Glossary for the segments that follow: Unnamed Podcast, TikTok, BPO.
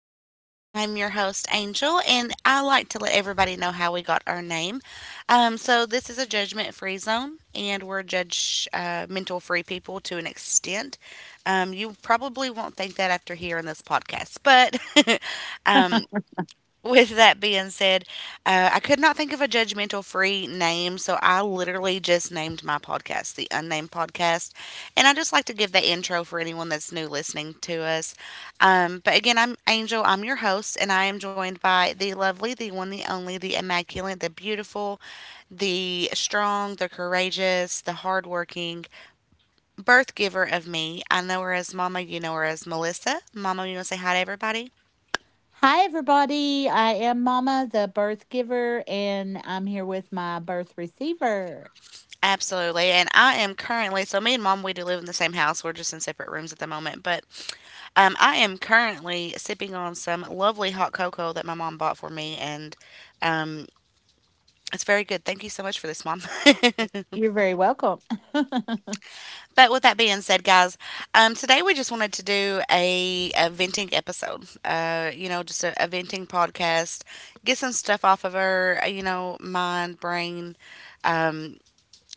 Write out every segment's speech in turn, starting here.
Podcast. I'm your host, Angel, and I like to let everybody know how we got our name. So, this is a judgment free zone, and we're judge mental free people to an extent. You probably won't think that after hearing this podcast, but Hi, with that being said, I could not think of a judgmental free name, so I literally just named my podcast the Unnamed Podcast. And I just like to give the intro for anyone that's new listening to us. But again, I'm Angel, I'm your host, and I am joined by the lovely, the one, the only, the immaculate, the beautiful, the strong, the courageous, the hardworking birth giver of me. I know her as Mama, you know her as Melissa. Mama, you want to say hi to everybody? everybody. I am Mama, the birth giver, and I'm here with my birth receiver. Absolutely. And I am currently, so me and mom, we do live in the same house. We're just in separate rooms at the moment. But I am currently sipping on some lovely hot cocoa that my mom bought for me. And um, it's very good. Thank you so much for this, mom. You're very welcome. But with that being said, guys, today we just wanted to do a venting episode, you know, just a venting podcast, get some stuff off of our, you know, mind, brain,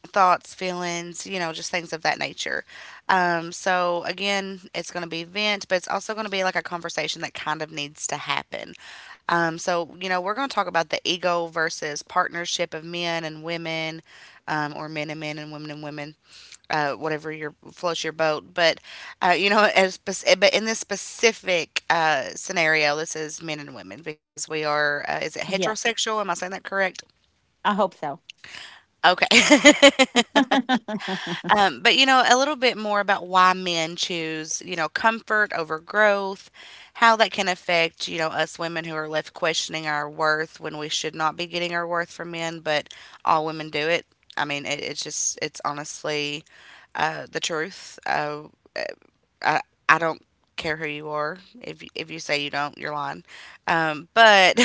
thoughts, feelings, you know, just things of that nature. So again, it's going to be vent, but it's also going to be like a conversation that kind of needs to happen. So you know, we're going to talk about the ego versus partnership of men and women, or men and men and women, whatever your floats your boat. But you know, as but in this specific scenario, this is men and women because we are. Is it Yeah, heterosexual? Am I saying that correct? I hope so. Okay. But you know, a little bit more about why men choose, you know, comfort over growth, how that can affect, you know, us women who are left questioning our worth when we should not be getting our worth from men, but all women do it. I mean, it's just, it's honestly the truth. I, I don't care who you are. If if you say you don't, you're lying. But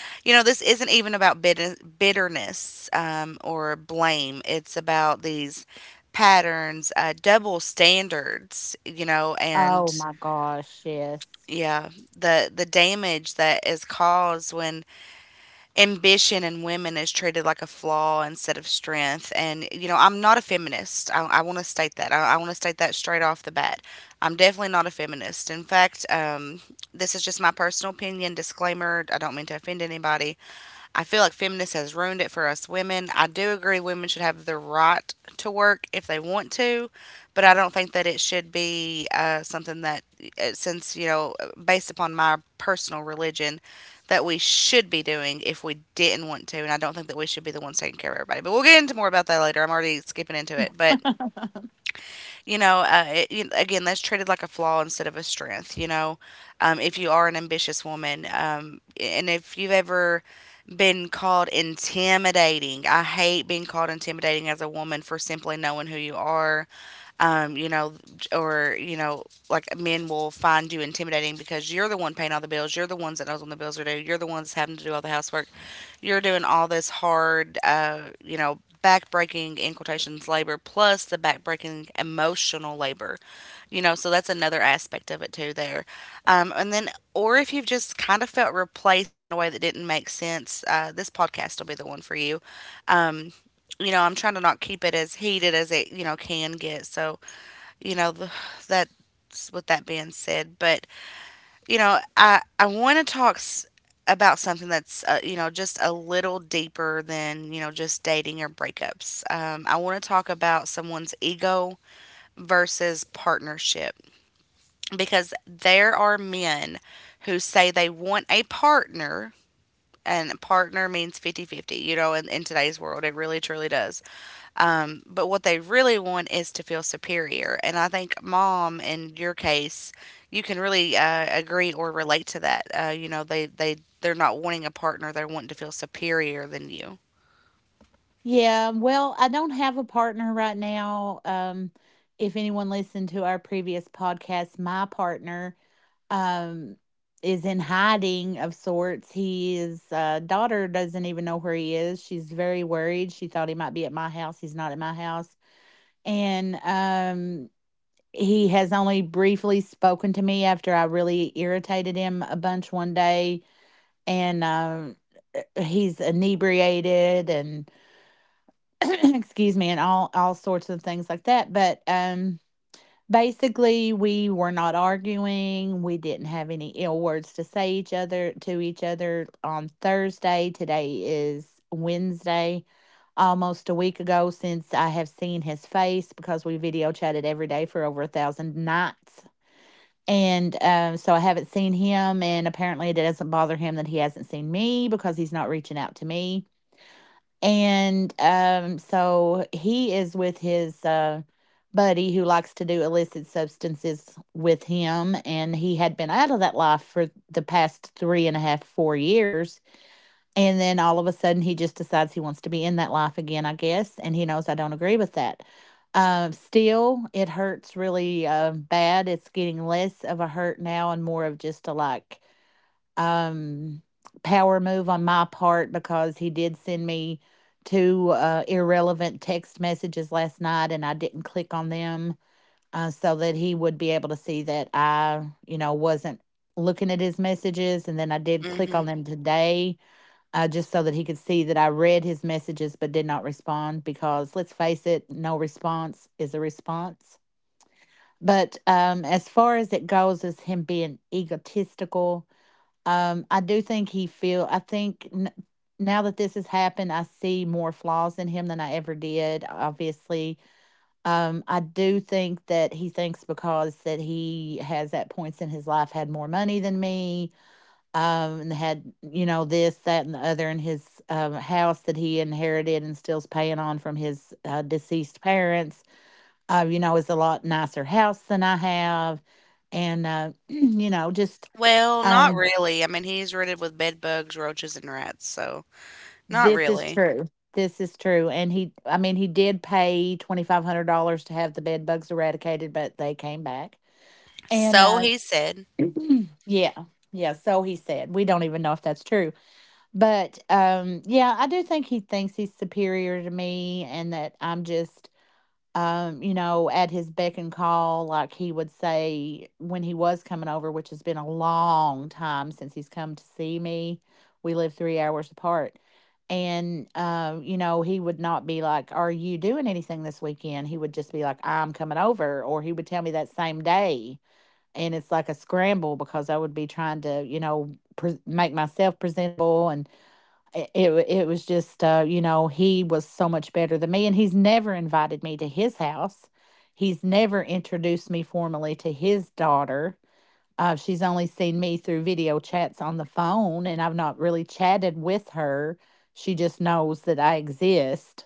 you know, this isn't even about bitterness or blame. It's about these patterns, double standards. You know, and Oh my gosh, yes. yeah, the damage that is caused when ambition in women is treated like a flaw instead of strength. And, you know, I'm not a feminist. I want to state that. I want to state that straight off the bat. I'm definitely not a feminist. In fact, this is just my personal opinion. Disclaimer, I don't mean to offend anybody. I feel like feminists has ruined it for us women. I do agree women should have the right to work if they want to, but I don't think that it should be something that, since, you know, based upon my personal religion, that we should be doing if we didn't want to. And I don't think that we should be the ones taking care of everybody. But we'll get into more about that later. I'm already skipping into it. But you know, it, again, that's treated like a flaw instead of a strength, you know, if you are an ambitious woman. And if you've ever been called intimidating, I hate being called intimidating as a woman for simply knowing who you are, you know, or, you know, like men will find you intimidating because you're the one paying all the bills. You're the ones that knows when the bills are due. You're the ones having to do all the housework. You're doing all this hard, you know, backbreaking in quotations labor plus the backbreaking emotional labor, you know. So that's another aspect of it too there. And then, or if you've just kind of felt replaced in a way that didn't make sense, this podcast will be the one for you. um, you know, I'm trying to not keep it as heated as it, you know, can get. So you know, that's what that band said. But you know, I want to talk about something that's, you know, just a little deeper than, you know, just dating or breakups. I want to talk about someone's ego versus partnership, because there are men who say they want a partner, and partner means 50-50, you know. In today's world it really truly does. But what they really want is to feel superior. And I think, mom, in your case, you can really agree or relate to that. You know, they're not wanting a partner, they're wanting to feel superior than you. Yeah, well, I don't have a partner right now. If anyone listened to our previous podcast, my partner um, is in hiding of sorts. His daughter doesn't even know where he is. She's very worried. She thought he might be at my house. He's not at my house. And he has only briefly spoken to me after I really irritated him a bunch one day. And he's inebriated and excuse me and all sorts of things like that, but basically, we were not arguing. We didn't have any ill words to say each other on Thursday. Today is Wednesday, almost a week ago since I have seen his face, because we video chatted every day for over 1,000 nights. And so I haven't seen him, and apparently it doesn't bother him that he hasn't seen me because he's not reaching out to me. And so he is with his buddy who likes to do illicit substances with him. And he had been out of that life for the past three and a half, 4 years. And then all of a sudden, he just decides he wants to be in that life again, I guess. And he knows I don't agree with that. Still, it hurts really bad. It's getting less of a hurt now and more of just a like um, power move on my part, because he did send me two irrelevant text messages last night and I didn't click on them, so that he would be able to see that I, you know, wasn't looking at his messages. And then I did click Hmm. on them today, just so that he could see that I read his messages but did not respond, because let's face it, no response is a response. But as far as it goes, as him being egotistical, I do think he feel. I think n- now that this has happened, I see more flaws in him than I ever did. Obviously, I do think that he thinks because that he has at points in his life had more money than me, and had, you know, this, that, and the other in his house that he inherited and still's paying on from his deceased parents. You know, is a lot nicer house than I have, and you know, just. Well, not Um, really. I mean, he's riddled with bed bugs, roaches, and rats, so not This is really. true. This is true. And he, I mean, he did pay $2,500 to have the bed bugs eradicated, but they came back. And So he said. yeah, yeah, so he said. We don't even know if that's true. But yeah, I do think he thinks he's superior to me and that I'm just you know, at his beck and call, like he would say when he was coming over, which has been a long time since he's come to see me. We live 3 hours apart. And you know, he would not be like, "Are you doing anything this weekend?" He would just be like, "I'm coming over." Or he would tell me that same day. And it's like a scramble because I would be trying to, you know, make myself presentable, and it was just, you know, he was so much better than me, and he's never invited me to his house. He's never introduced me formally to his daughter. She's only seen me through video chats on the phone, and I've not really chatted with her. She just knows that I exist.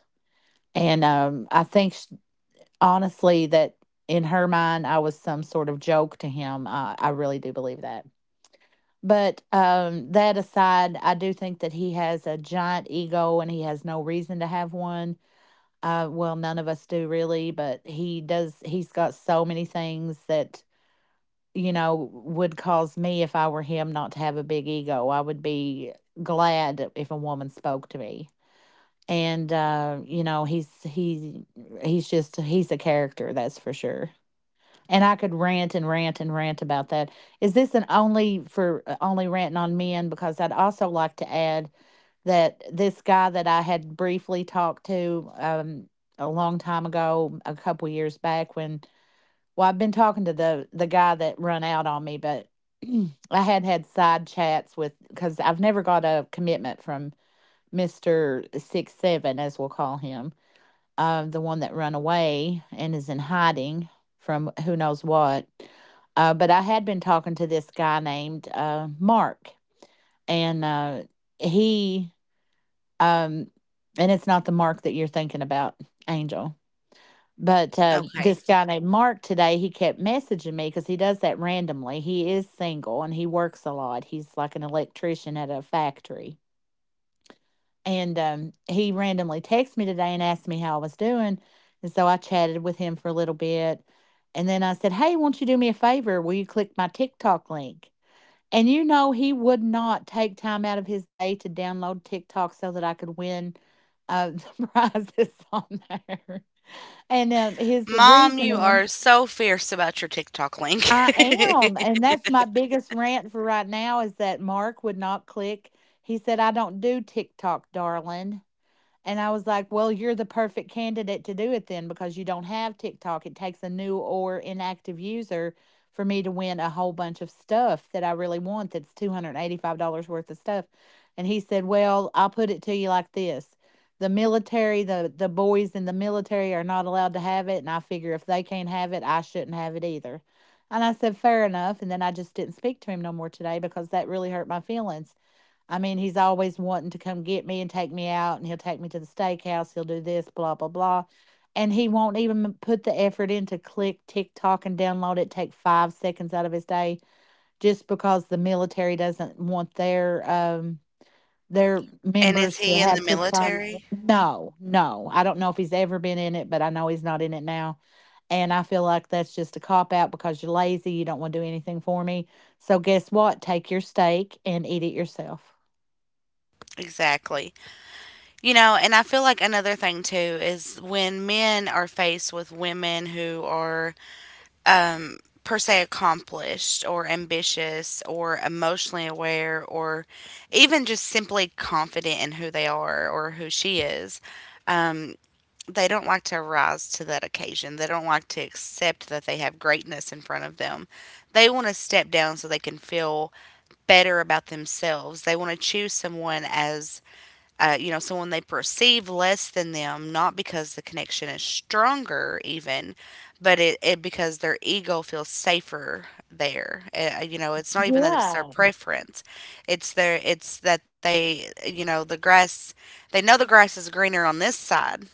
And I think sh honestly, that in her mind I was some sort of joke to him. I really do believe that. But that aside, I do think that he has a giant ego and he has no reason to have one. Well, none of us do really, but he does. He's got so many things that, you know, would cause me, if I were him, not to have a big ego. I would be glad if a woman spoke to me. And you know, he's just, he's a character, that's for sure. And I could rant and rant and rant about that. Is this an only for only ranting on men? Because I'd also like to add that this guy that I had briefly talked to a long time ago, a couple years back, when, I've been talking to the guy that run out on me, but I had had side chats with because I've never got a commitment from Mister Six Seven, as we'll call him, the one that ran away and is in hiding from who knows what. But I had been talking to this guy named Mark, and he, um, and it's not the Mark that you're thinking about, Angel. But Okay, this guy named Mark today, he kept messaging me because he does that randomly. He is single and he works a lot. He's like an electrician at a factory. And he randomly texted me today and asked me how I was doing. And so I chatted with him for a little bit. And then I said, "Hey, won't you do me a favor? Will you click my TikTok link?" And you know, he would not take time out of his day to download TikTok so that I could win uh, the prizes on there. And his Mom, you reasoning, are so fierce about your TikTok link. I am. And that's my biggest rant for right now is that Mark would not click. He said, "I don't do TikTok, darling." And I was like, well, you're the perfect candidate to do it then because you don't have TikTok. It takes a new or inactive user for me to win a whole bunch of stuff that I really want, that's $285 worth of stuff. And he said, well, I'll put it to you like this. The military, the boys in the military are not allowed to have it. And I figure if they can't have it, I shouldn't have it either. And I said, fair enough. And then I just didn't speak to him no more today because that really hurt my feelings. I mean, he's always wanting to come get me and take me out, and he'll take me to the steakhouse. He'll do this, blah, blah, blah. And he won't even put the effort in to click TikTok and download it, take 5 seconds out of his day, just because the military doesn't want their And is members to he in the have TikTok. military? No, no. I don't know if he's ever been in it, but I know he's not in it now. And I feel like that's just a cop out because you're lazy. You don't want to do anything for me. So guess what? Take your steak and eat it yourself. Exactly. You know, and I feel like another thing too is when men are faced with women who are, um, per se, accomplished or ambitious or emotionally aware or even just simply confident in who they are or who she is, they don't like to rise to that occasion. They don't like to accept that they have greatness in front of them. They want to step down so they can feel better about themselves. They want to choose someone as, you know, so when they perceive less than them, not because the connection is stronger, even, but it because their ego feels safer there. You know, it's not even that it's their Yeah. preference; it's that they, you know, the grass. They know the grass is greener on this side,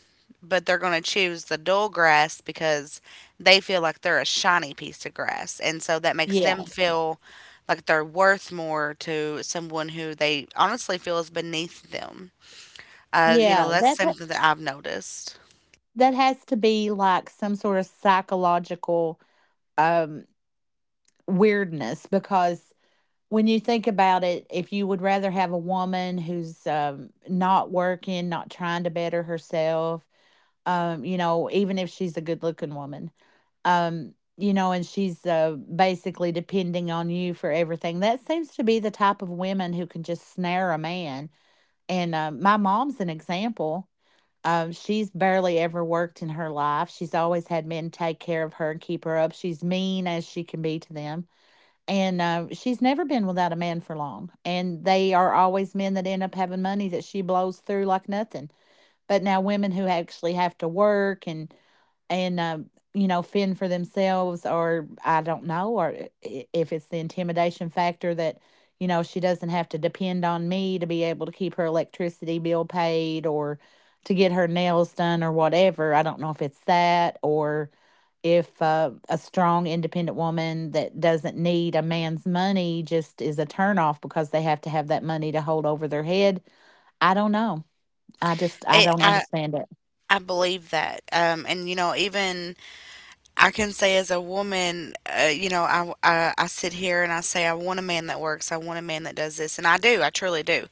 but they're going to choose the dull grass because they feel like they're a shiny piece of grass, and so that makes them Yeah, feel like they're worth more to someone who they honestly feel is beneath them. You know, yeah, that's that ha something that I've noticed. that has to be, like, some sort of psychological, um, weirdness because when you think about it, if you would rather have a woman who's, not working, not trying to better herself, you know, even if she's a good-looking woman, you know, and she's, basically depending on you for everything, that seems to be the type of women who can just snare a man. And, my mom's an example. She's barely ever worked in her life. She's always had men take care of her and keep her up. She's mean as she can be to them. And she's never been without a man for long. And they are always men that end up having money that she blows through like nothing. But now women who actually have to work and you know, fend for themselves, or I don't know, or if it's the intimidation factor that, you know, she doesn't have to depend on me to be able to keep her electricity bill paid or to get her nails done, or whatever. I don't know if it's that, or if a strong independent woman that doesn't need a man's money just is a turnoff because they have to have that money to hold over their head. I don't know. I It, don't understand it. I believe that, and you know, even I can say as a woman, you know, I sit here and I say I want a man that works, I want a man that does this, and I do, I truly do.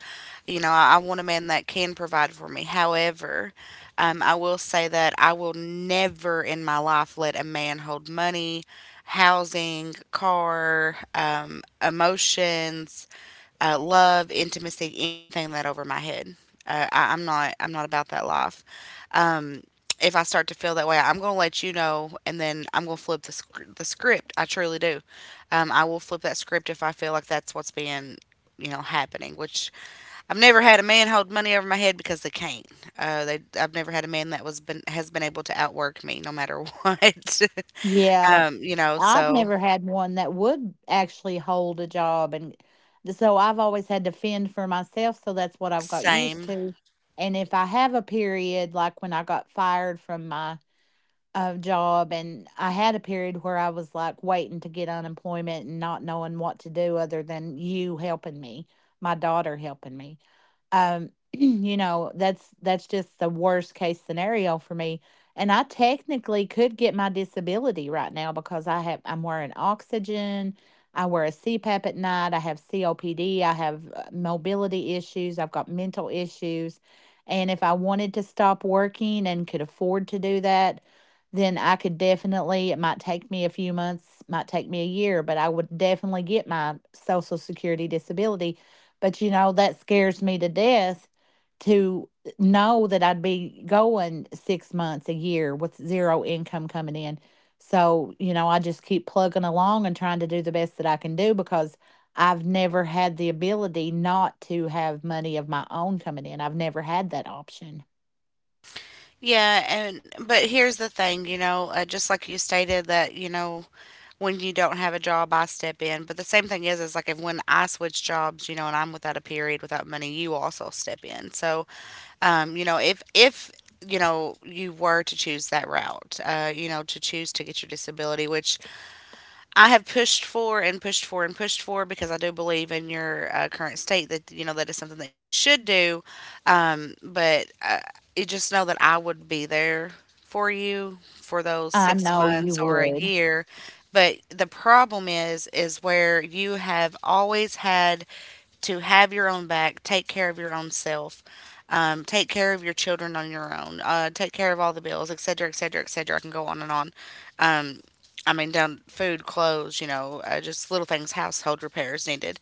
You know, I want a man that can provide for me. However, I will say that I will never in my life let a man hold money, housing, car, emotions, love, intimacy, anything that over my head. I'm not. I'm not about that life. Um, if I start to feel that way, I'm gonna let you know, and then I'm gonna flip the the script. I truly do. I will flip that script if I feel like that's what's being, you know, happening. Which I've never had a man hold money over my head because they can't. They. I've never had a man that was been has been able to outwork me no matter what. Yeah, You know. I've So never had one that would actually hold a job, and so I've always had to fend for myself, so that's what I've got used same. to. And if I have a period, like when I got fired from my job, and I had a period where I was like waiting to get unemployment and not knowing what to do other than you helping me, my daughter helping me. You know, that's just the worst case scenario for me. And I technically could get my disability right now because I'm wearing oxygen, I wear a CPAP at night, I have COPD, I have mobility issues, I've got mental issues. And if I wanted to stop working and could afford to do that, then I could definitely, it might take me a few months, might take me a year, but I would definitely get my Social Security disability. But you know, that scares me to death to know that I'd be going 6 months, a year, with zero income coming in. So, you know, I just keep plugging along and trying to do the best that I can do, because I've never had the ability not to have money of my own coming in. I've never had that option. Yeah, and but here's the thing, you know, just like you stated that, you know, when you don't have a job, I step in. But the same thing is like if when I switch jobs, you know, and I'm without a period, without money, you also step in. So, you know, if you know you were to choose that route, you know, to choose to get your disability, which I have pushed for and pushed for and pushed for because I do believe in your current state that, you know, that is something that you should do. But you just know that I would be there for you for those I six know you months or a would. year. But the problem is where you have always had to have your own back, take care of your own self, take care of your children on your own, take care of all the bills, etc., etc., etc. I can go on and on. Um, I mean, down food, clothes, you know, just little things, household repairs needed.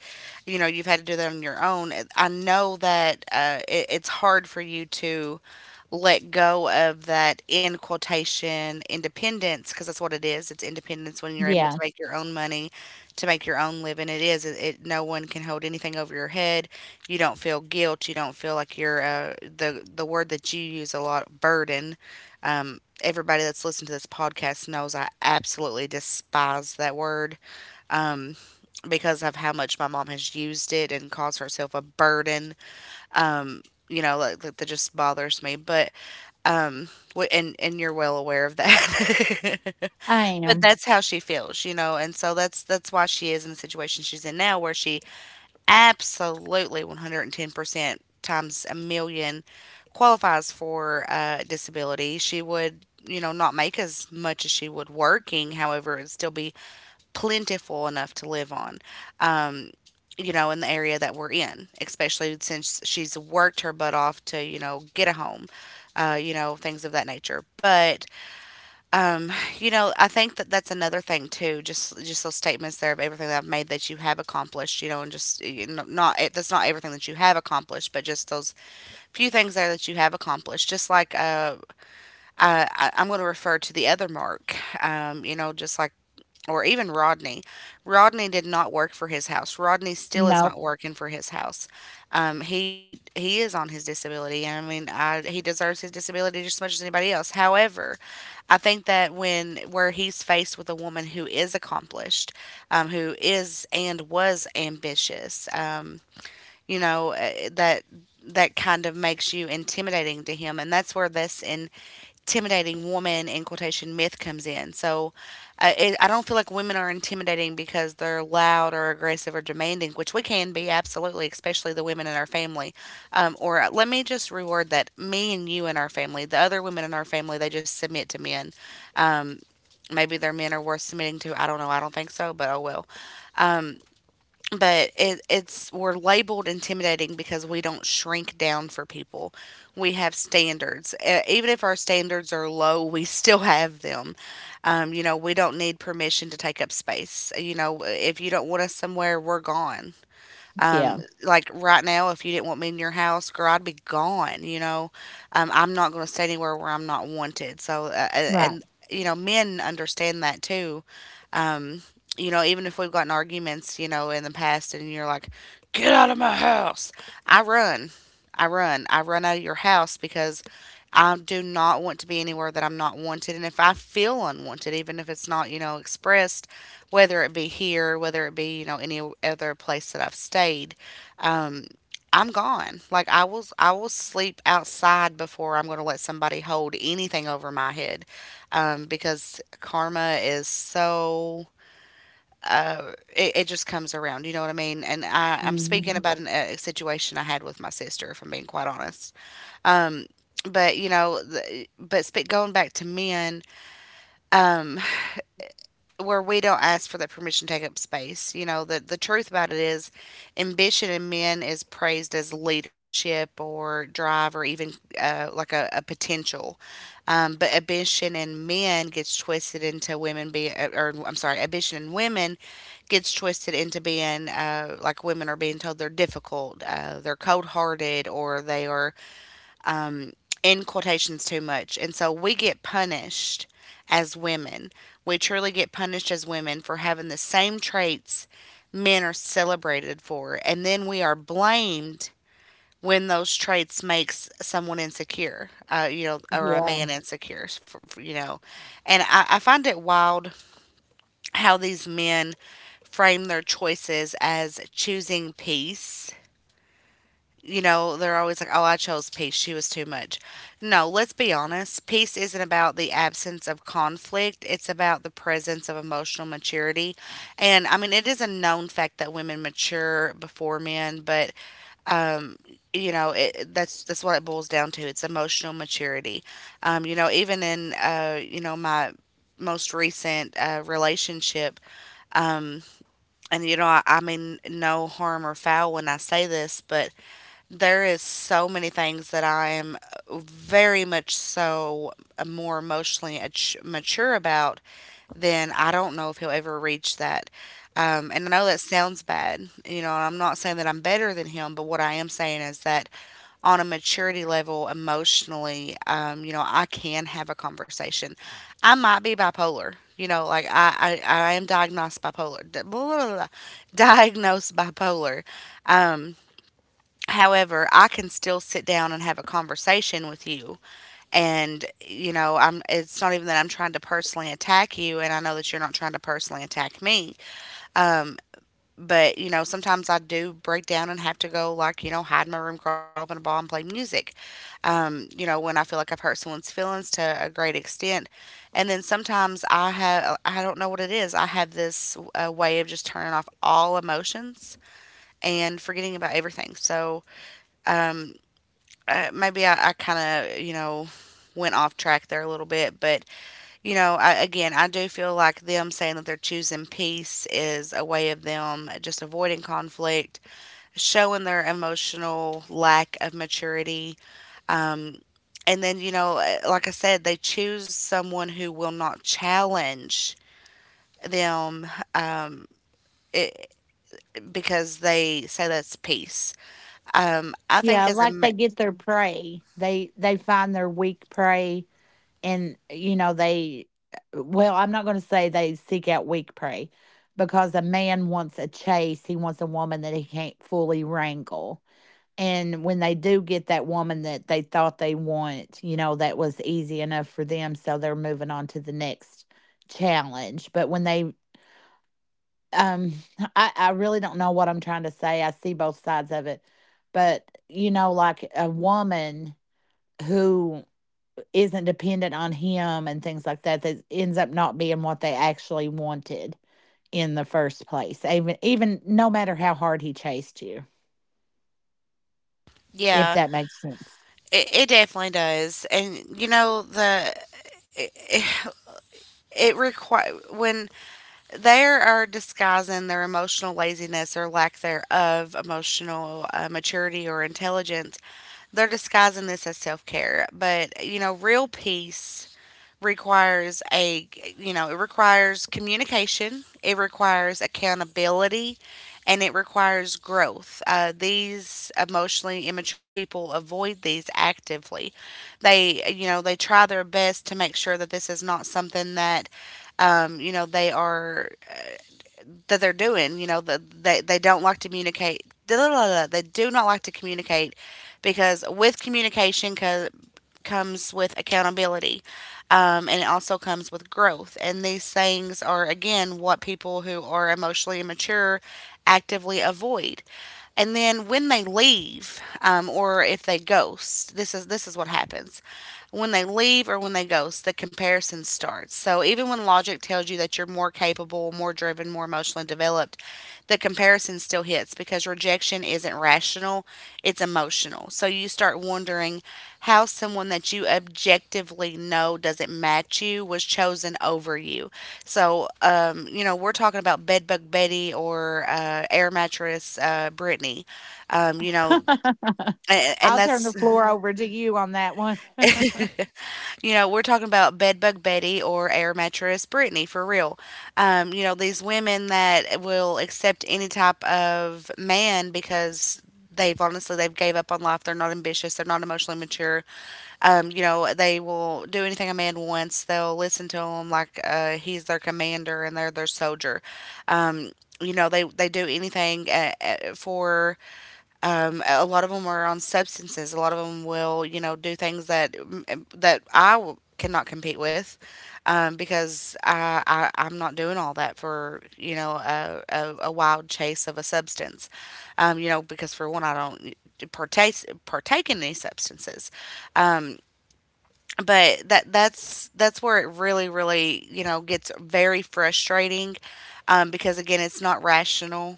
You know, you've had to do that on your own. I know that, it's hard for you to let go of that in quotation independence, because that's what it is. It's independence when you're able to Yeah, make your own money, to make your own living. It is. It, no one can hold anything over your head. You don't feel guilt. You don't feel like you're, the word that you use a lot, burden. Everybody that's listened to this podcast knows I absolutely despise that word because of how much my mom has used it and caused herself a burden. You know, like that just bothers me. But and you're well aware of that. I But am. that's how she feels, you know, and so that's why she is in the situation she's in now, where she absolutely 110% times a million qualifies for disability. She would, you know, not make as much as she would working, however it'd still be plentiful enough to live on. Um, you know, in the area that we're in, especially since she's worked her butt off to, you know, get a home, you know, things of that nature. But, um, you know, I think that that's another thing too. Just those statements there of everything that I've made that you have accomplished, you know, and just, you know, not it, that's not everything that you have accomplished, but just those few things there that you have accomplished. Just like, I'm going to refer to the other Mark, you know, just like, or even Rodney. Rodney did not work for his house. Rodney still is Nope. not working for his house. He is on his disability, and I mean, I, he deserves his disability just as much as anybody else. However, I think that when where he's faced with a woman who is accomplished, who is and was ambitious. You know, that kind of makes you intimidating to him, and that's where this intimidating woman in quotation myth comes in. So I don't feel like women are intimidating because they're loud or aggressive or demanding, which we can be absolutely, especially the women in our family. Or let me just reword that. Me and you in our family, the other women in our family, they just submit to men. Maybe their men are worth submitting to. I don't know. I don't think so, but oh well. But it, it's we're labeled intimidating because we don't shrink down for people. We have standards. Even if our standards are low, we still have them. You know, we don't need permission to take up space. You know, if you don't want us somewhere, we're gone. Yeah. Like right now, if you didn't want me in your house, girl, I'd be gone, you know. I'm not going to stay anywhere where I'm not wanted, so Right. and you know, men understand that too. You know, even if we've gotten arguments, you know, in the past and you're like, get out of my house, I run. I run. I run out of your house because I do not want to be anywhere that I'm not wanted. And if I feel unwanted, even if it's not, you know, expressed, whether it be here, whether it be, you know, any other place that I've stayed, I'm gone. Like, I will sleep outside before I'm gonna let somebody hold anything over my head. Because karma is so, it just comes around, you know what I mean? And I'm speaking Mhm. about a situation I had with my sister, if I'm being quite honest. But you know, going back to men, where we don't ask for that permission to take up space. You know, the truth about it is ambition in men is praised as leadership or drive or even like a potential. But ambition in men gets twisted into women being, or I'm sorry, ambition in women gets twisted into being, like women are being told they're difficult, they're cold hearted, or they are in quotations too much. And so we get punished as women. We truly get punished as women for having the same traits men are celebrated for. And then we are blamed when those traits makes someone insecure, you know, or a Yeah. man insecure, you know. And I find it wild how these men frame their choices as choosing peace. You know, they're always like, oh, I chose peace. She was too much. No, let's be honest. Peace isn't about the absence of conflict, it's about the presence of emotional maturity. And I mean, it is a known fact that women mature before men, but, you know, that's what it boils down to. It's emotional maturity. You know, even in, you know, my most recent relationship, and, you know, I mean, no harm or foul when I say this, but there is so many things that I am very much so more emotionally mature about. Then I don't know if he'll ever reach that. And I know that sounds bad, you know. And I'm not saying that I'm better than him, but what I am saying is that on a maturity level emotionally, you know, I can have a conversation. I might be bipolar, you know, like I am diagnosed bipolar, blah, blah, blah, blah, diagnosed bipolar. Um, However, I can still sit down and have a conversation with you. And, you know, I'm it's not even that I'm trying to personally attack you, and I know that you're not trying to personally attack me. But, you know, sometimes I do break down and have to go like, you know, hide in my room, crawl up in a ball and play music. You know, when I feel like I've hurt someone's feelings to a great extent. And then sometimes I don't know what it is. I have this way of just turning off all emotions and forgetting about everything. So, um, maybe I kind of, you know, went off track there a little bit. But, you know, again, I do feel like them saying that they're choosing peace is a way of them just avoiding conflict, showing their emotional lack of maturity. Um, and then, you know, like I said, they choose someone who will not challenge them, it, because they say that's peace. I think Yeah, as like they get their prey. They find their weak prey, and you know they. Well, I'm not going to say they seek out weak prey, because a man wants a chase. He wants a woman that he can't fully wrangle. And when they do get that woman that they thought they want, you know, that was easy enough for them, so they're moving on to the next challenge. But when they um I really don't know what I'm trying to say. I see both sides of it. But you know, like a woman who isn't dependent on him and things like that, that ends up not being what they actually wanted in the first place. Even no matter how hard he chased you, if yeah, that makes sense. it definitely does. And you know the it, it require when they are disguising their emotional laziness or lack thereof emotional maturity or intelligence. They're disguising this as self-care, but you know, real peace requires a, you know, it requires communication, it requires accountability, and it requires growth. These emotionally immature people avoid these actively. They, you know, they try their best to make sure that this is not something that, you know, they are that they're doing. You know, they don't like to communicate. They do not like to communicate, because with communication comes with accountability, and it also comes with growth. And these things are again what people who are emotionally immature actively avoid. And then when they leave, or if they ghost, this is what happens. When they leave or when they ghost, the comparison starts. So even when logic tells you that you're more capable, more driven, more emotionally developed, the comparison still hits because rejection isn't rational, it's emotional. So you start wondering how someone that you objectively know doesn't match you was chosen over you. So, you know, we're talking about Bedbug Betty or Air Mattress Brittany. You know, and I'll turn the that's... floor over to you on that one. You know, we're talking about Bedbug Betty or Air Mattress Brittany for real. You know, these women that will accept any type of man, because they've honestly, they've gave up on life. They're not ambitious. They're not emotionally mature. You know, they will do anything a man wants. They'll listen to him like he's their commander and they're their soldier. Um, you know, they do anything, for a lot of them are on substances. A lot of them will, you know, do things that I cannot compete with, because I'm not doing all that for, you know, a wild chase of a substance, you know, because for one I don't partake partake in any substances, but that's where it really really, you know, gets very frustrating, because again it's not rational,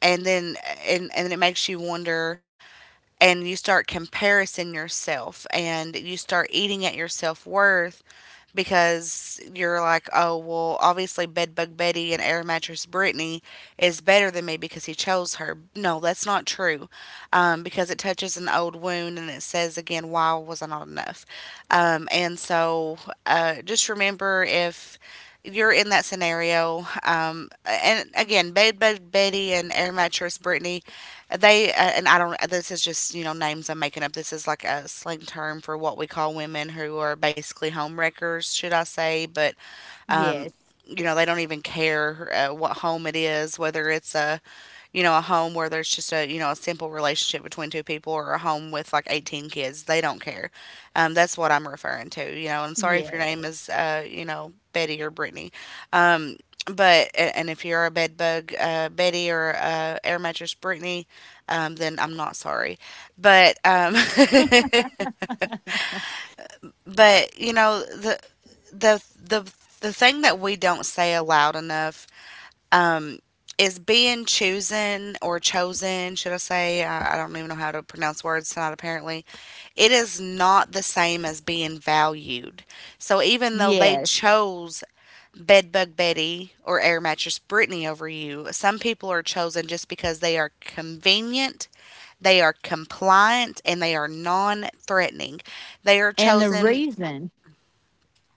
and then and it makes you wonder, and you start comparison yourself and you start eating at your self worth, because you're like, oh, well, obviously Bedbug Betty and Air Mattress Brittany is better than me because he chose her. No, that's not true, because it touches an old wound, and it says again, why was I not enough? And so, just remember if you're in that scenario. And again, Bed Betty and Air Mattress Brittany, they, and I don't. This is just names I'm making up. This is like a slang term for what we call women who are basically homewreckers, should I say? But Yes. They don't even care what home it is, whether it's a a home where there's just a a simple relationship between two people, or a home with like 18 kids. They don't care. That's what I'm referring to. I'm sorry if your name Yes. is Betty or Brittany. um, but and if you're a Bed Bug Betty or Air Mattress Brittany, then I'm not sorry. But but the the the thing that we don't say aloud enough is being chosen, or chosen, should I say? I don't even know how to pronounce words tonight, apparently. It is not the same as being valued. So even though they Yes. chose Bedbug Betty or Air Mattress Brittany over you, some people are chosen just because they are convenient, they are compliant, and they are non threatening. They are And the chosen. reason,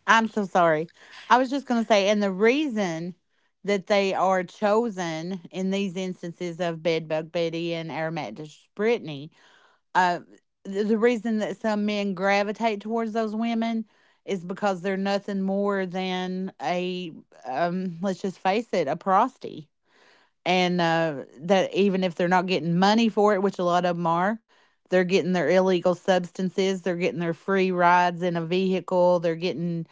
I'm so sorry. I was just going to say, and the reason that they are chosen in these instances of Bedbug Betty and Aromat Brittany, Uh, the reason that some men gravitate towards those women is because they're nothing more than a, let's just face it, a prosty. And that even if they're not getting money for it, which a lot of them are, they're getting their illegal substances, they're getting their free rides in a vehicle, they're getting,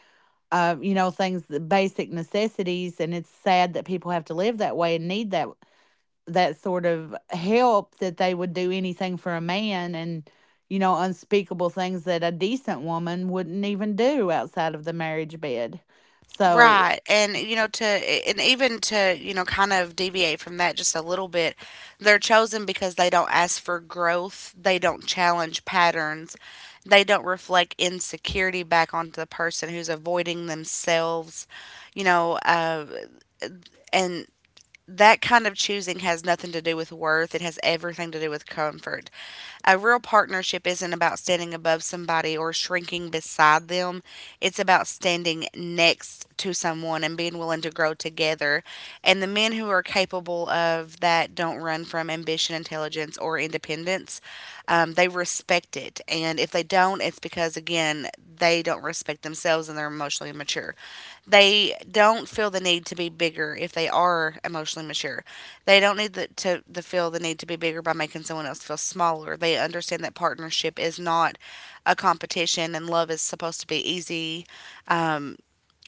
you know, things, the basic necessities. And it's sad that people have to live that way and need that that sort of help, that they would do anything for a man, and you know, unspeakable things that a decent woman wouldn't even do outside of the marriage bed, so Right, and, you know, to and even to, you know, kind of deviate from that just a little bit, they're chosen because they don't ask for growth, they don't challenge patterns, they don't reflect insecurity back onto the person who's avoiding themselves, you know, uh, and that kind of choosing has nothing to do with worth. It has everything to do with comfort. A real partnership isn't about standing above somebody or shrinking beside them. It's about standing next to someone and being willing to grow together. And the men who are capable of that don't run from ambition, intelligence, or independence. They respect it. And if they don't, it's because, again, they don't respect themselves and they're emotionally immature. They don't feel the need to be bigger if they are emotionally mature. They don't need the, to the feel the need to be bigger by making someone else feel smaller. They understand that partnership is not a competition, and love is supposed to be easy.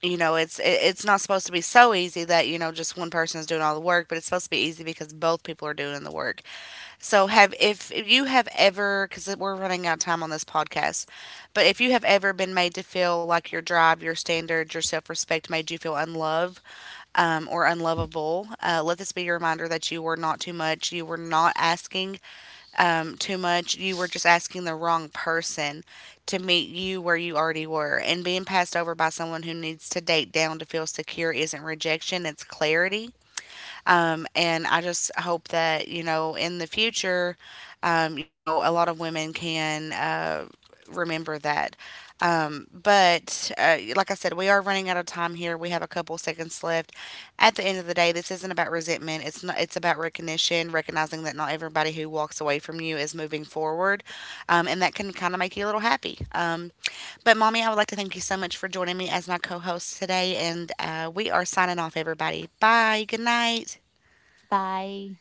It's it's not supposed to be so easy that just one person is doing all the work, but it's supposed to be easy because both people are doing the work. So have, if you have ever, because we're running out of time on this podcast, but if you have ever been made to feel like your drive, your standards, your self-respect made you feel unloved or unlovable, let this be your reminder that you were not too much, you were not asking too much. You were just asking the wrong person to meet you where you already were. And being passed over by someone who needs to date down to feel secure isn't rejection, it's clarity. And I just hope that, you know, in the future, you know, a lot of women can remember that. But like I said, we are running out of time here. We have a couple seconds left. At the end of the day, this isn't about resentment. It's not. It's about recognition, recognizing that not everybody who walks away from you is moving forward, and that can kind of make you a little happy. But mommy, I would like to thank you so much for joining me as my co-host today, and we are signing off, everybody. Bye. Good night. bye.